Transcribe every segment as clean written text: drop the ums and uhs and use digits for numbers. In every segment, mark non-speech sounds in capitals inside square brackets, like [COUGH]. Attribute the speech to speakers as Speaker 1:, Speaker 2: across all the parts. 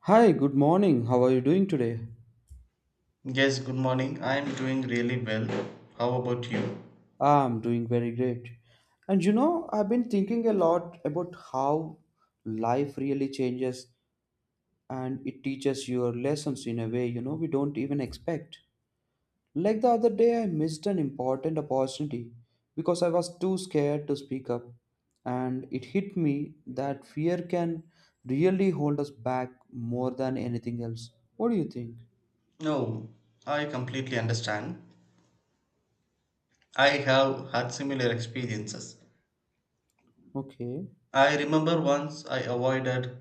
Speaker 1: Hi, good morning. How are you doing today?
Speaker 2: Yes, good morning. I'm doing really well. How about you?
Speaker 1: I'm doing very great. And you know, I've been thinking a lot about how life really changes and it teaches your lessons in a way, we don't even expect. Like the other day, I missed an important opportunity because I was too scared to speak up. And it hit me that fear can really hold us back more than anything else. What do you think?
Speaker 2: No, I completely understand. I have had similar experiences.
Speaker 1: Okay.
Speaker 2: I remember once I avoided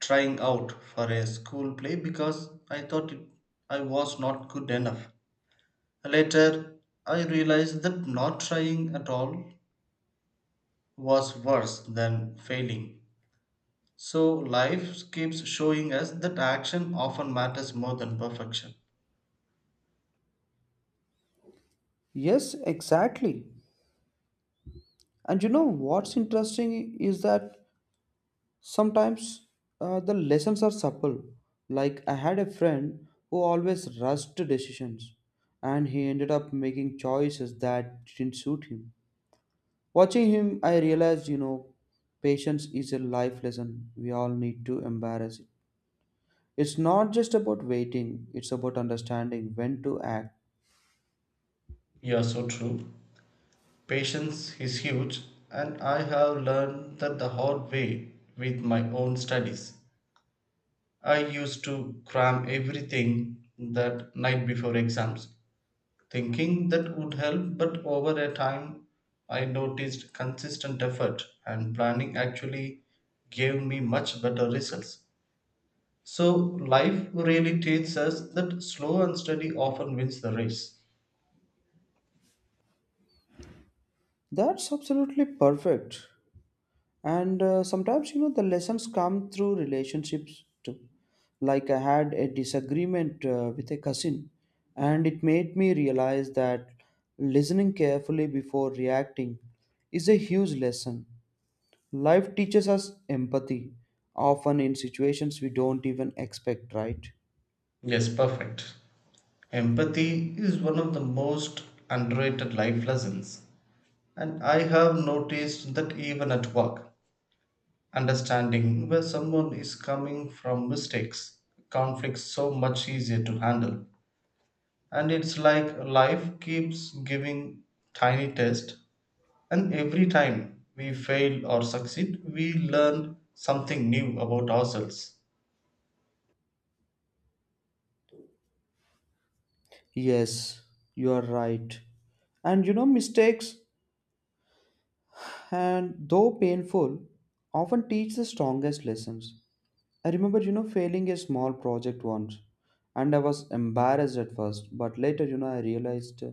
Speaker 2: trying out for a school play because I was not good enough. Later, I realized that not trying at all was worse than failing. So, life keeps showing us that action often matters more than perfection.
Speaker 1: Yes, exactly. And you know what's interesting is that sometimes the lessons are subtle. Like I had a friend who always rushed to decisions, and he ended up making choices that didn't suit him. Watching him, I realized, patience is a life lesson we all need to embrace it. It's not just about waiting; it's about understanding when to act.
Speaker 2: Yeah, so true. Patience is huge, and I have learned that the hard way with my own studies. I used to cram everything that night before exams, thinking that would help, but over a time I noticed consistent effort and planning actually gave me much better results. So, life really teaches us that slow and steady often wins the race.
Speaker 1: That's absolutely perfect. And sometimes you know the lessons come through relationships too, like I had a disagreement with a cousin, and it made me realize that listening carefully before reacting is a huge lesson. Life teaches us empathy often in situations we don't even expect, right?
Speaker 2: Yes, perfect. Empathy is one of the most underrated life lessons, and I have noticed that even at work, understanding where someone is coming from mistakes, conflicts so much easier to handle. And it's like life keeps giving tiny tests, and every time we fail or succeed, we learn something new about ourselves.
Speaker 1: Yes, you are right. And you know, mistakes, and though painful, often teach the strongest lessons. I remember, failing a small project once, and I was embarrassed at first, but later, I realized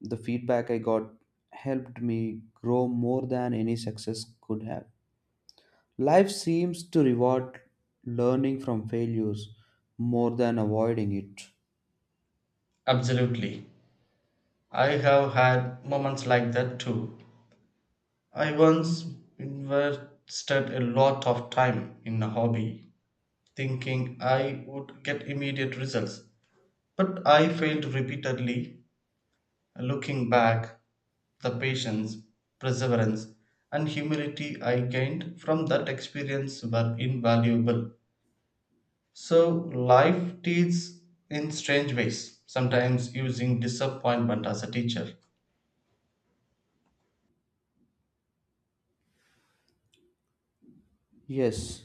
Speaker 1: the feedback I got helped me grow more than any success could have. Life seems to reward learning from failures more than avoiding it.
Speaker 2: Absolutely. I have had moments like that too. I once invested a lot of time in a hobby, thinking I would get immediate results, but I failed repeatedly. Looking back, the patience, perseverance, and humility I gained from that experience were invaluable. So, life teaches in strange ways, sometimes using disappointment as a teacher.
Speaker 1: Yes,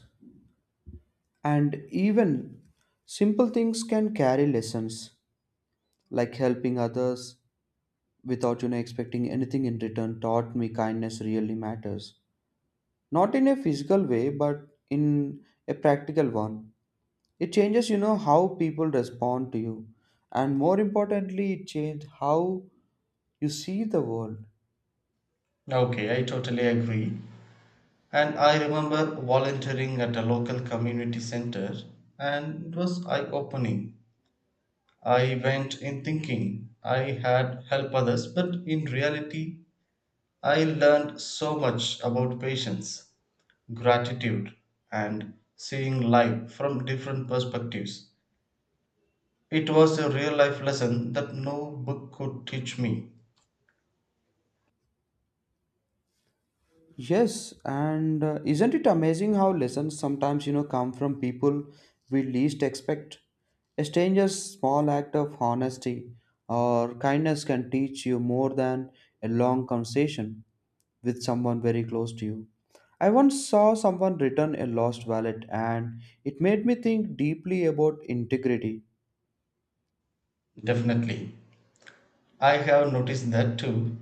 Speaker 1: and even simple things can carry lessons, like helping others without expecting anything in return taught me kindness really matters. Not in a physical way but in a practical one. It changes how people respond to you, and more importantly it changed how you see the world.
Speaker 2: Okay, I totally agree. And I remember volunteering at a local community center, and it was eye opening. I went in thinking I had helped others, but in reality, I learned so much about patience, gratitude, and seeing life from different perspectives. It was a real life lesson that no book could teach me.
Speaker 1: Yes, and isn't it amazing how lessons sometimes, come from people we least expect? A stranger's small act of honesty or kindness can teach you more than a long conversation with someone very close to you. I once saw someone return a lost wallet and it made me think deeply about integrity.
Speaker 2: Definitely. I have noticed that too.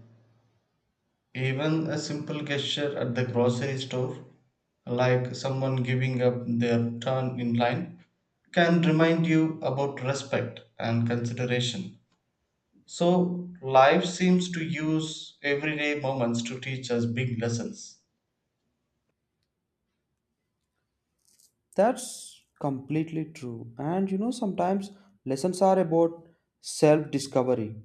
Speaker 2: Even a simple gesture at the grocery store, like someone giving up their turn in line, can remind you about respect and consideration. So, life seems to use everyday moments to teach us big lessons.
Speaker 1: That's completely true. And you know, sometimes lessons are about self discovery.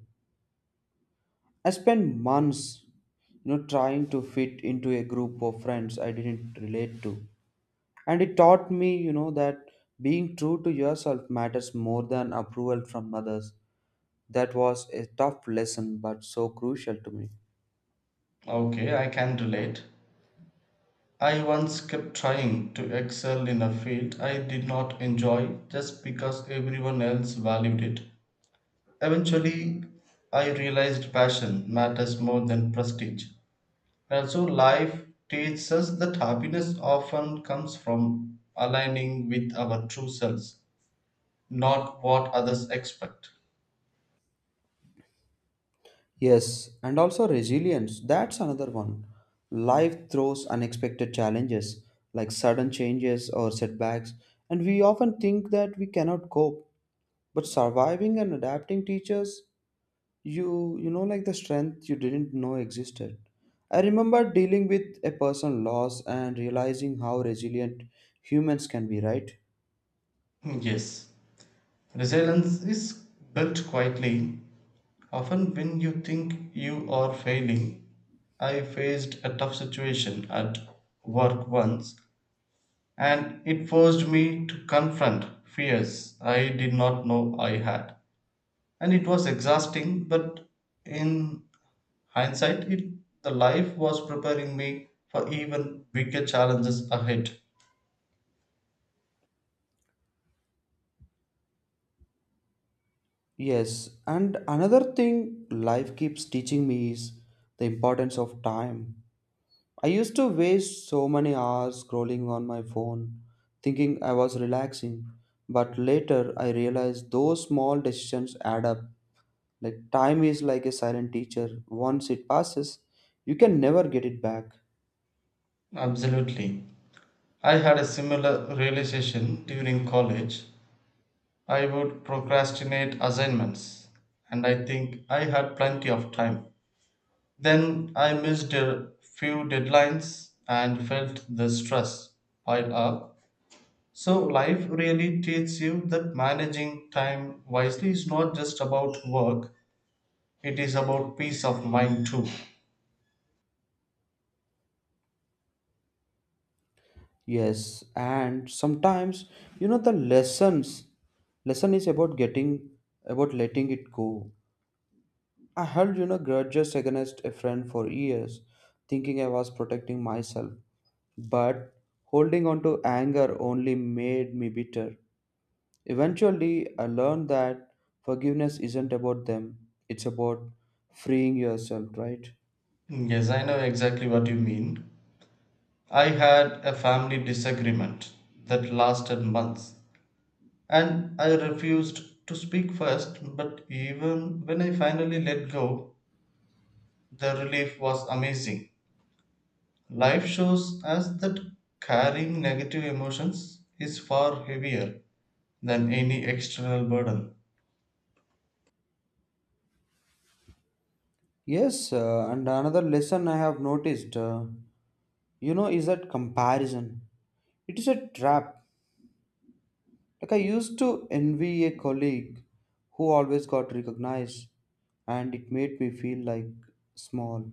Speaker 1: I spent months, trying to fit into a group of friends I didn't relate to. And it taught me, that being true to yourself matters more than approval from others. That was a tough lesson, but so crucial to me.
Speaker 2: Okay, I can relate. I once kept trying to excel in a field I did not enjoy just because everyone else valued it. Eventually, I realized passion matters more than prestige. And so life teaches us that happiness often comes from aligning with our true selves, not what others expect.
Speaker 1: Yes, and also resilience. That's another one. Life throws unexpected challenges, like sudden changes or setbacks, and we often think that we cannot cope. But surviving and adapting teaches you you know like the strength you didn't know existed. I remember dealing with a person loss and realizing how resilient humans can be, right?
Speaker 2: Yes, resilience is built quietly. Often, when you think you are failing, I faced a tough situation at work once, and it forced me to confront fears I did not know I had. And it was exhausting, but in hindsight, it the life was preparing me for even bigger challenges ahead.
Speaker 1: Yes, and another thing life keeps teaching me is the importance of time. I used to waste so many hours scrolling on my phone thinking I was relaxing, but later I realized those small decisions add up. Like time is like a silent teacher. Once it passes, you can never get it back.
Speaker 2: Absolutely. I had a similar realization during college. I would procrastinate assignments and I think I had plenty of time. Then I missed a few deadlines and felt the stress pile up. So, life really teaches you that managing time wisely is not just about work, it is about peace of mind too.
Speaker 1: Yes, and sometimes the lesson is about getting about letting it go. I held grudges against a friend for years, thinking I was protecting myself, but holding on to anger only made me bitter. Eventually, I learned that forgiveness isn't about them; it's about freeing yourself, right?
Speaker 2: Yes, I know exactly what you mean. I had a family disagreement that lasted months, and I refused to speak first, but even when I finally let go, the relief was amazing. Life shows us that carrying negative emotions is far heavier than any external burden.
Speaker 1: Yes, and another lesson I have noticed. You know, is that comparison, it is a trap. Like I used to envy a colleague who always got recognized, and it made me feel like small,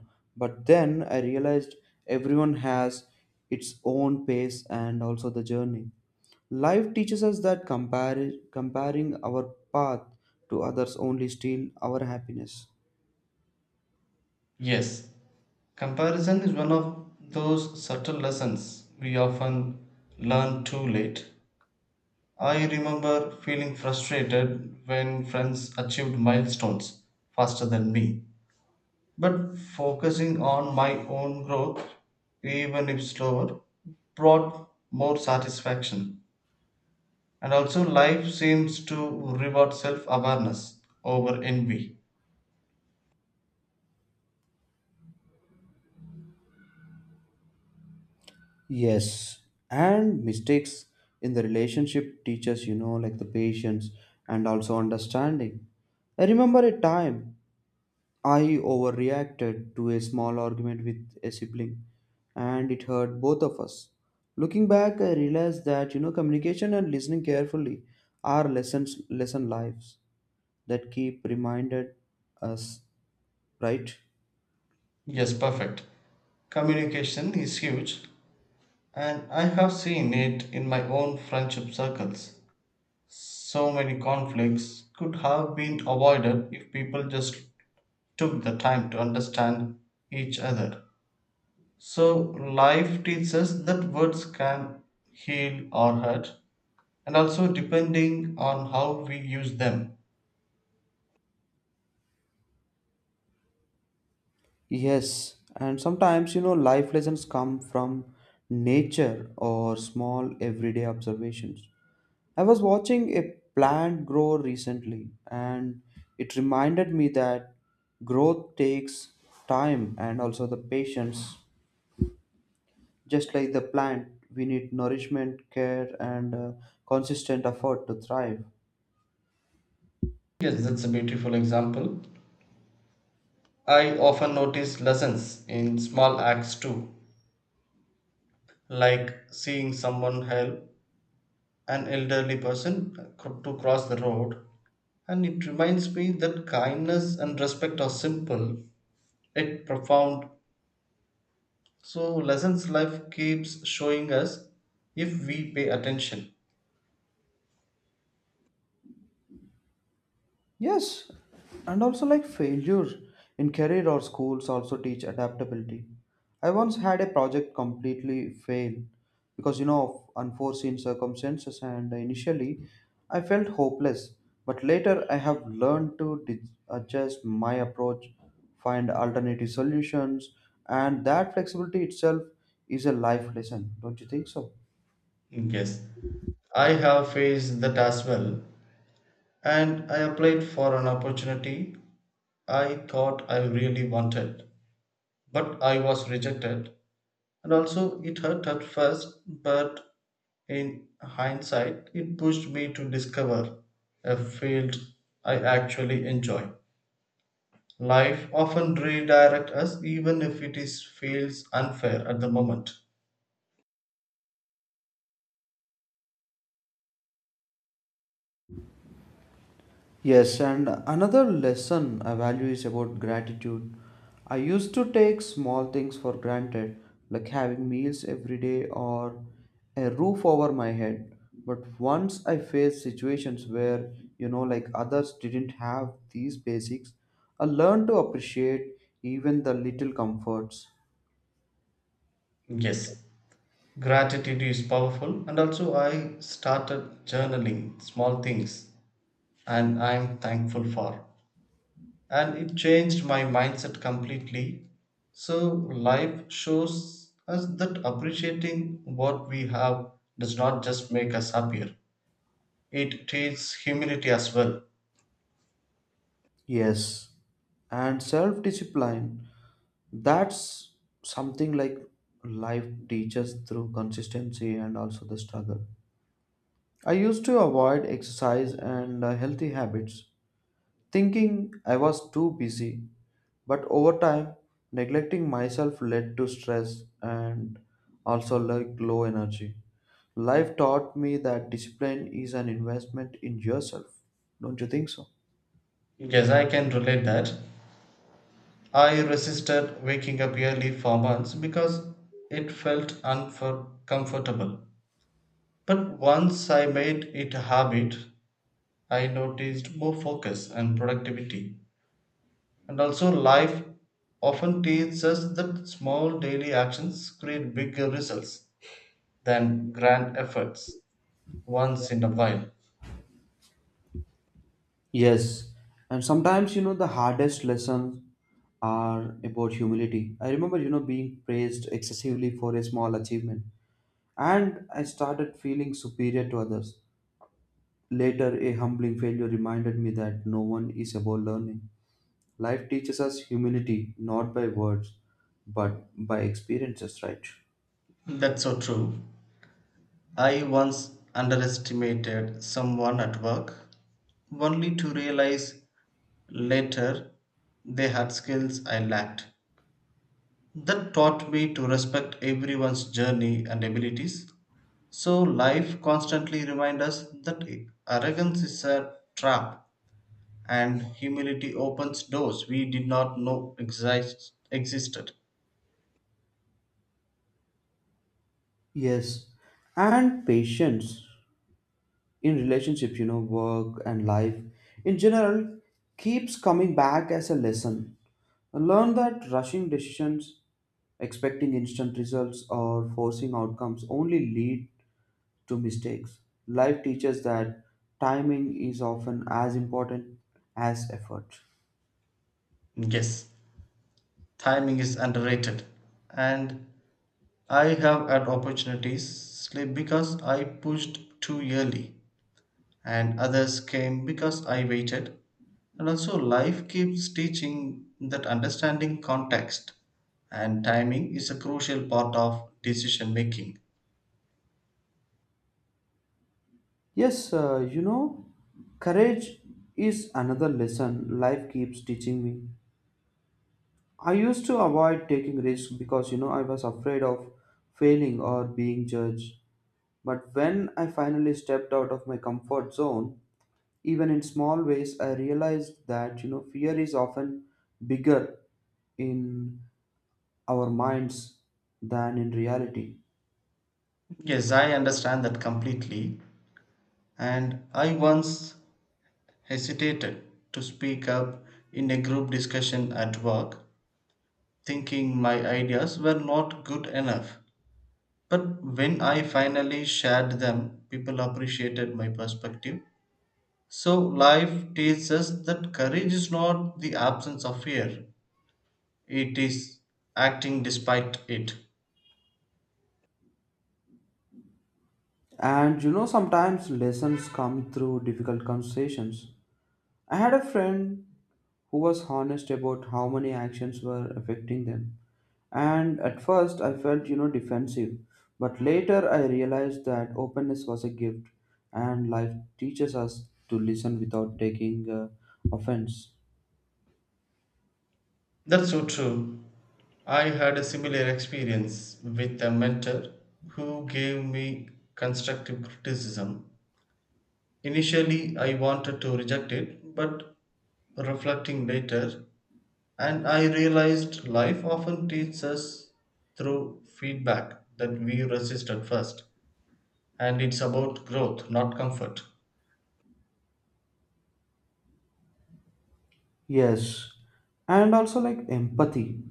Speaker 1: but then I realized everyone has its own pace and also the journey. Life teaches us that comparing our path to others only steal our happiness.
Speaker 2: Yes, comparison is one of those subtle lessons we often learn too late. I remember feeling frustrated when friends achieved milestones faster than me. But focusing on my own growth, even if slower, brought more satisfaction. And also, life seems to reward self awareness over envy.
Speaker 1: Yes, and mistakes in the relationship teaches, like the patience and also understanding. I remember a time I overreacted to a small argument with a sibling and it hurt both of us. Looking back, I realized that, communication and listening carefully are lessons, lesson lives that keep reminded us, right?
Speaker 2: Yes, perfect. Communication is huge. And I have seen it in my own friendship circles. So many conflicts could have been avoided if people just took the time to understand each other. So, life teaches us that words can heal or hurt, and also depending on how we use them.
Speaker 1: Yes, and sometimes life lessons come from nature or small everyday observations. I was watching a plant grow recently and it reminded me that growth takes time and also the patience. Just like the plant, we need nourishment, care, and consistent effort to thrive.
Speaker 2: Yes, that's a beautiful example. I often notice lessons in small acts too, like seeing someone help an elderly person to cross the road. And it reminds me that kindness and respect are simple yet profound. So, lessons life keeps showing us if we pay attention.
Speaker 1: Yes, and also like failure in career or schools also teach adaptability. I once had a project completely fail because of unforeseen circumstances, and initially I felt hopeless. But later I have learned to adjust my approach, find alternative solutions, and that flexibility itself is a life lesson. Don't you think so?
Speaker 2: Yes, I have faced that as well. And I applied for an opportunity I thought I really wanted, but I was rejected. And also, it hurt at first, but in hindsight, it pushed me to discover a field I actually enjoy. Life often redirects us even if it is feels unfair at the moment.
Speaker 1: Yes, and another lesson I value is about gratitude. I used to take small things for granted, like having meals every day or a roof over my head. But once I faced situations where, like others didn't have these basics, I learned to appreciate even the little comforts.
Speaker 2: Yes, gratitude is powerful and also I started journaling small things and I'm thankful for. And it changed my mindset completely. So life shows us that appreciating what we have does not just make us happier. It teaches humility as well.
Speaker 1: Yes, and self discipline, that's something like life teaches through consistency and also the struggle. I used to avoid exercise and healthy habits, thinking I was too busy, but over time, neglecting myself led to stress and also like low energy. Life taught me that discipline is an investment in yourself. Don't you think so?
Speaker 2: Yes, I can relate that. I resisted waking up early for months because it felt uncomfortable. But once I made it a habit, I noticed more focus and productivity. And also, life often teaches us that small daily actions create bigger results than grand efforts once in a while.
Speaker 1: Yes, and sometimes the hardest lessons are about humility. I remember being praised excessively for a small achievement, and I started feeling superior to others. Later, a humbling failure reminded me that no one is above learning. Life teaches us humility not by words but by experiences, right?
Speaker 2: That's so true. I once underestimated someone at work, only to realize later they had skills I lacked. That taught me to respect everyone's journey and abilities. So, life constantly reminds us that arrogance is a trap and humility opens doors we did not know existed.
Speaker 1: Yes, and patience in relationships, work and life in general keeps coming back as a lesson. Learn that rushing decisions, expecting instant results, or forcing outcomes only lead to mistakes. Life teaches that timing is often as important as effort.
Speaker 2: Yes, timing is underrated, and I have had opportunities slip because I pushed too early, and others came because I waited. And also, life keeps teaching that understanding context and timing is a crucial part of decision making.
Speaker 1: Yes, courage is another lesson life keeps teaching me. I used to avoid taking risks because I was afraid of failing or being judged. But when I finally stepped out of my comfort zone, even in small ways, I realized that fear is often bigger in our minds than in reality.
Speaker 2: Yes, I understand that completely. And I once hesitated to speak up in a group discussion at work, thinking my ideas were not good enough. But when I finally shared them, people appreciated my perspective. So life teaches us that courage is not the absence of fear, it is acting despite it.
Speaker 1: And you know, sometimes lessons come through difficult conversations. I had a friend who was honest about how many actions were affecting them, and at first I felt defensive, but later I realized that openness was a gift, and life teaches us to listen without taking offense.
Speaker 2: That's so true. I had a similar experience with a mentor who gave me constructive criticism. Initially, I wanted to reject it, but reflecting later, and I realized life often teaches us through feedback that we resist at first. And it's about growth, not comfort.
Speaker 1: Yes, and also like empathy.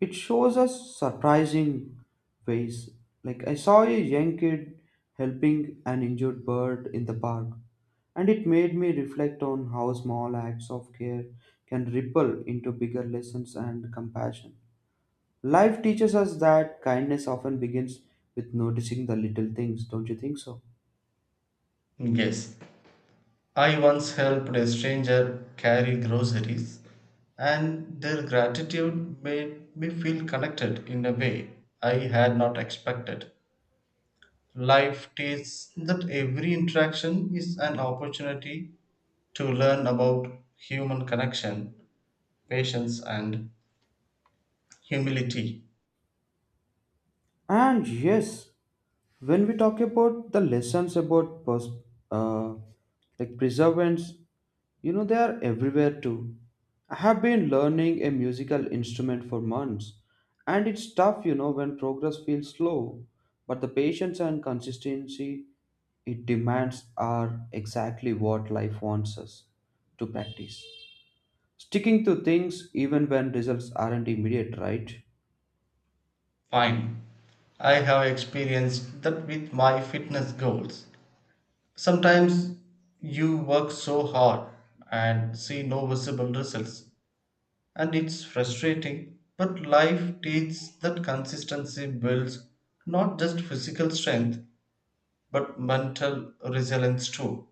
Speaker 1: It shows us surprising ways. Like I saw a young kid helping an injured bird in the park, and it made me reflect on how small acts of care can ripple into bigger lessons and compassion. Life teaches us that kindness often begins with noticing the little things, don't you think so?
Speaker 2: Yes, I once helped a stranger carry groceries, and their gratitude made me feel connected in a way I had not expected. Life teaches that every interaction is an opportunity to learn about human connection, patience, and humility.
Speaker 1: And yes, when we talk about the lessons about uh, like preservance, you know, they are everywhere too. I have been learning a musical instrument for months, and it's tough, when progress feels slow, but the patience and consistency it demands are exactly what life wants us to practice. Sticking to things even when results aren't immediate, right?
Speaker 2: Fine. I have experienced that with my fitness goals. Sometimes you work so hard and see no visible results, and it's frustrating. But life teaches that consistency builds not just physical strength but mental resilience too.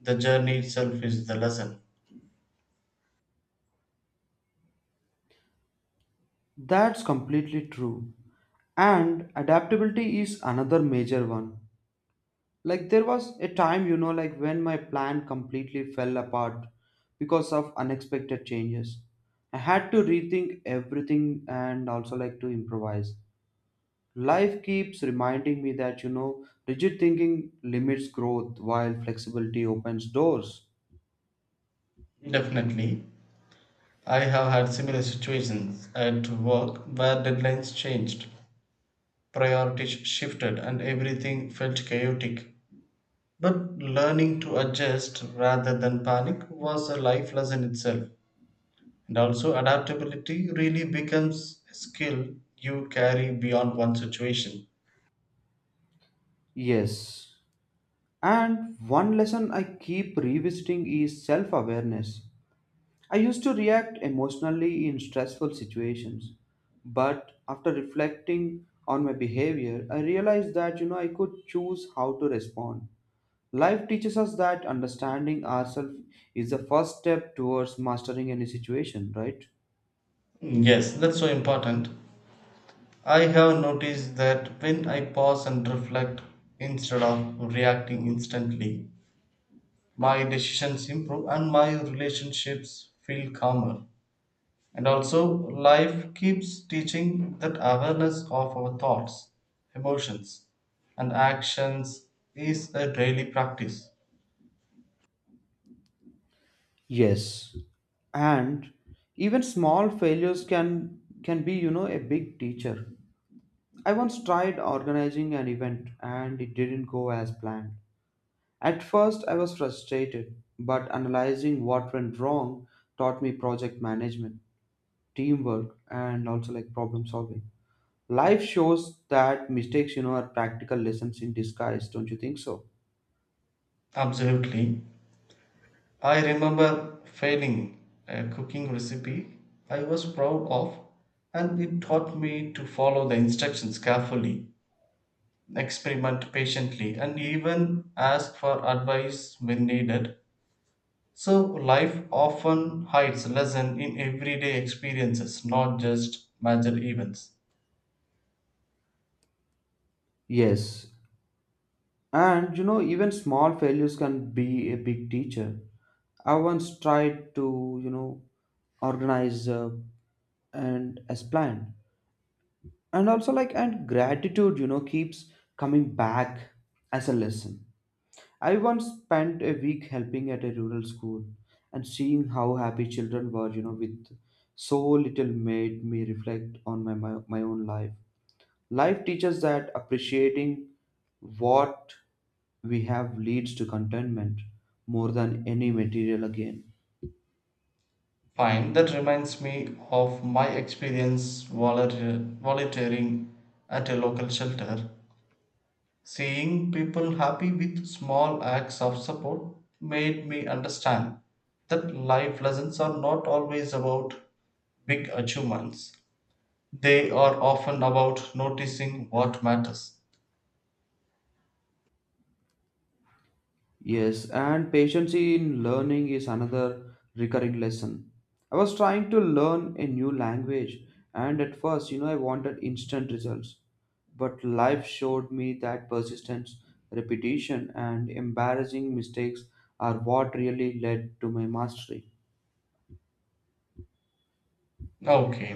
Speaker 2: The journey itself is the lesson.
Speaker 1: That's completely true. And adaptability is another major one. Like there was a time, like when my plan completely fell apart because of unexpected changes. I had to rethink everything and also like to improvise. Life keeps reminding me that, rigid thinking limits growth while flexibility opens doors.
Speaker 2: Definitely, I have had similar situations at work where deadlines changed. Priorities shifted and everything felt chaotic. But learning to adjust rather than panic was a life lesson itself. And also, adaptability really becomes a skill you carry beyond one situation.
Speaker 1: Yes. And one lesson I keep revisiting is self awareness. I used to react emotionally in stressful situations, but after reflecting on my behavior, I realized that I could choose how to respond. Life teaches us that understanding ourselves is the first step towards mastering any situation, right?
Speaker 2: Yes, that's so important. I have noticed that when I pause and reflect instead of reacting instantly, my decisions improve and my relationships feel calmer. And also, life keeps teaching that awareness of our thoughts, emotions, and actions is a daily practice.
Speaker 1: Yes. And even small failures can be, a big teacher. I once tried organizing an event and it didn't go as planned. At first, I was frustrated, but analyzing what went wrong taught me project management, teamwork, and also like problem solving. Life shows that mistakes, are practical lessons in disguise, don't you think so?
Speaker 2: Absolutely. I remember failing a cooking recipe I was proud of, and it taught me to follow the instructions carefully, experiment patiently, and even ask for advice when needed. So, life often hides lesson in everyday experiences, not just major events.
Speaker 1: Yes. And you know, even small failures can be a big teacher. I once tried to, organize and as planned. And also like and gratitude, keeps coming back as a lesson. I once spent a week helping at a rural school and seeing how happy children were, with so little made me reflect on my own life. Life teaches that appreciating what we have leads to contentment more than any material again.
Speaker 2: Fine, that reminds me of my experience volunteering at a local shelter. Seeing people happy with small acts of support made me understand that life lessons are not always about big achievements. They are often about noticing what matters.
Speaker 1: Yes, and patience in learning is another recurring lesson. I was trying to learn a new language, and at first, I wanted instant results. But life showed me that persistence, repetition, and embarrassing mistakes are what really led to my mastery.
Speaker 2: Okay,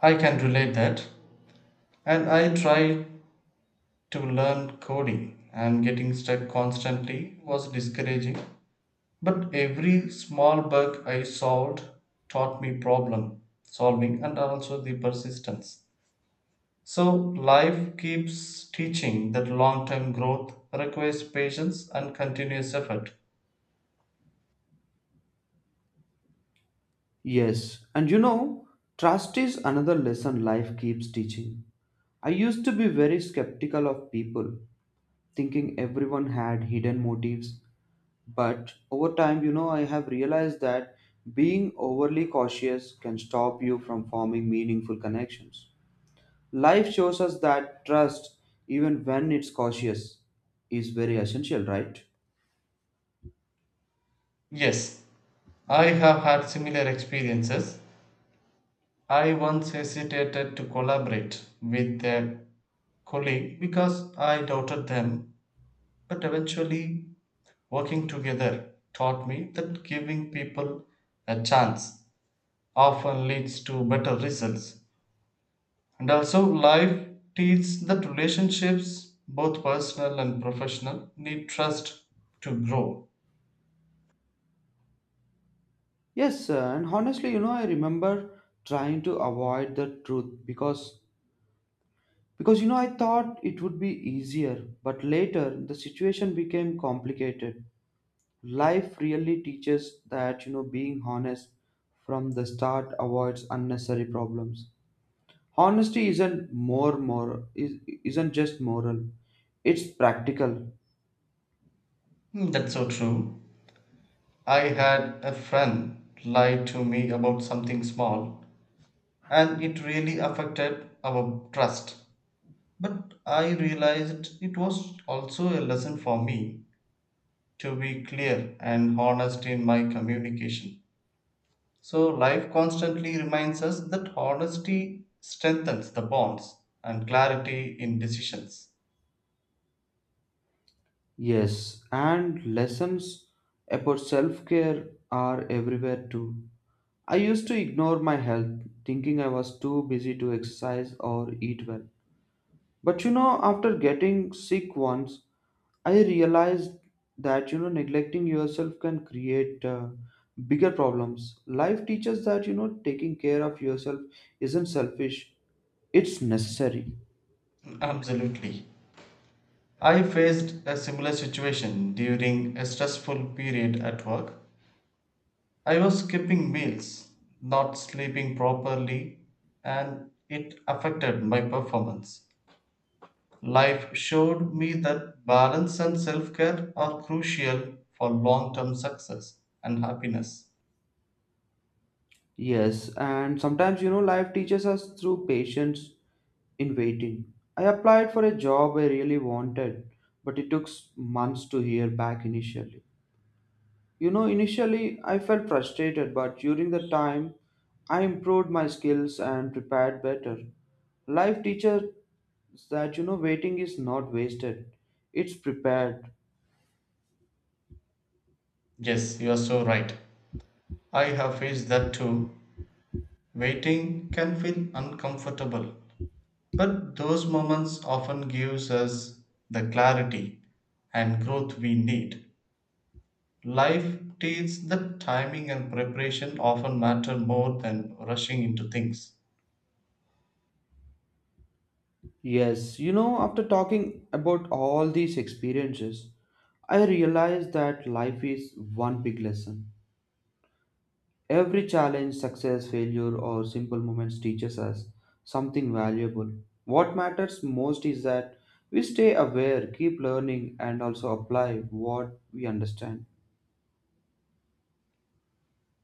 Speaker 2: I can relate that. And I tried to learn coding, and getting stuck constantly was discouraging. But every small bug I solved taught me problem solving and also the persistence. So life keeps teaching that long term growth requires patience and continuous effort.
Speaker 1: Yes, and you know, trust is another lesson life keeps teaching. I used to be very skeptical of people, thinking everyone had hidden motives. But over time, I have realized that being overly cautious can stop you from forming meaningful connections. Life shows us that trust, even when it's cautious, is very essential, right?
Speaker 2: Yes, I have had similar experiences. I once hesitated to collaborate with a colleague because I doubted them. But eventually, working together taught me that giving people a chance often leads to better results. And also, life teaches that relationships, both personal and professional, need trust to grow.
Speaker 1: Yes, and honestly, I remember trying to avoid the truth because I thought it would be easier, but later the situation became complicated. Life really teaches that being honest from the start avoids unnecessary problems. Honesty isn't more moral is, isn't just moral. It's practical.
Speaker 2: Hmm. That's so true. I had a friend lie to me about something small, and it really affected our trust. But I realized it was also a lesson for me to be clear and honest in my communication. So, life constantly reminds us that honesty strengthens the bonds and clarity in decisions.
Speaker 1: Yes, and lessons about self care are everywhere too. I used to ignore my health, thinking I was too busy to exercise or eat well. But you know, after getting sick once, I realized that neglecting yourself can create bigger problems. Life teaches that taking care of yourself isn't selfish; it's necessary.
Speaker 2: [LAUGHS] Absolutely. I faced a similar situation during a stressful period at work. I was skipping meals, not sleeping properly, and it affected my performance. Life showed me that balance and self care are crucial for long term success and happiness.
Speaker 1: Yes, and sometimes life teaches us through patience in waiting. I applied for a job I really wanted, but it took months to hear back initially. You know, initially I felt frustrated, but during the time I improved my skills and prepared better. Life teacher that waiting is not wasted, it's prepared.
Speaker 2: Yes, you are so right. I have faced that too. Waiting can feel uncomfortable, but those moments often gives us the clarity and growth we need. Life teaches that timing and preparation often matter more than rushing into things.
Speaker 1: Yes, you know, after talking about all these experiences, I realized that life is one big lesson. Every challenge, success, failure or simple moments teaches us something valuable. What matters most is that we stay aware, keep learning, and also apply what we understand.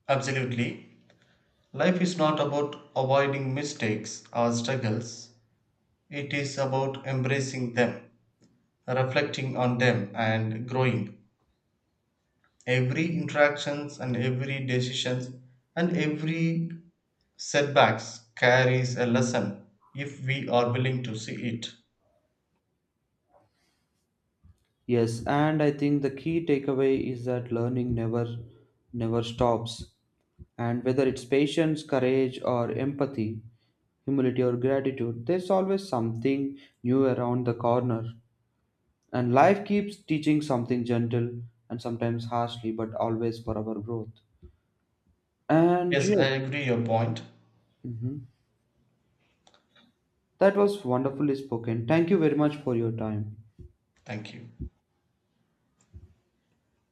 Speaker 2: Absolutely. Life is not about avoiding mistakes or struggles, it is about embracing them, reflecting on them, and growing. Every interactions and every decisions and every setbacks carries a lesson if we are willing to see it.
Speaker 1: Yes, and I think the key takeaway is that learning never stops. And whether it's patience, courage, or empathy, humility, or gratitude, there's always something new around the corner. And life keeps teaching something gentle and sometimes harshly, but always for our growth. And
Speaker 2: Yes,
Speaker 1: yes,
Speaker 2: I agree your point.
Speaker 1: mhm, that was wonderfully spoken. Thank you very much for your time.
Speaker 2: Thank you.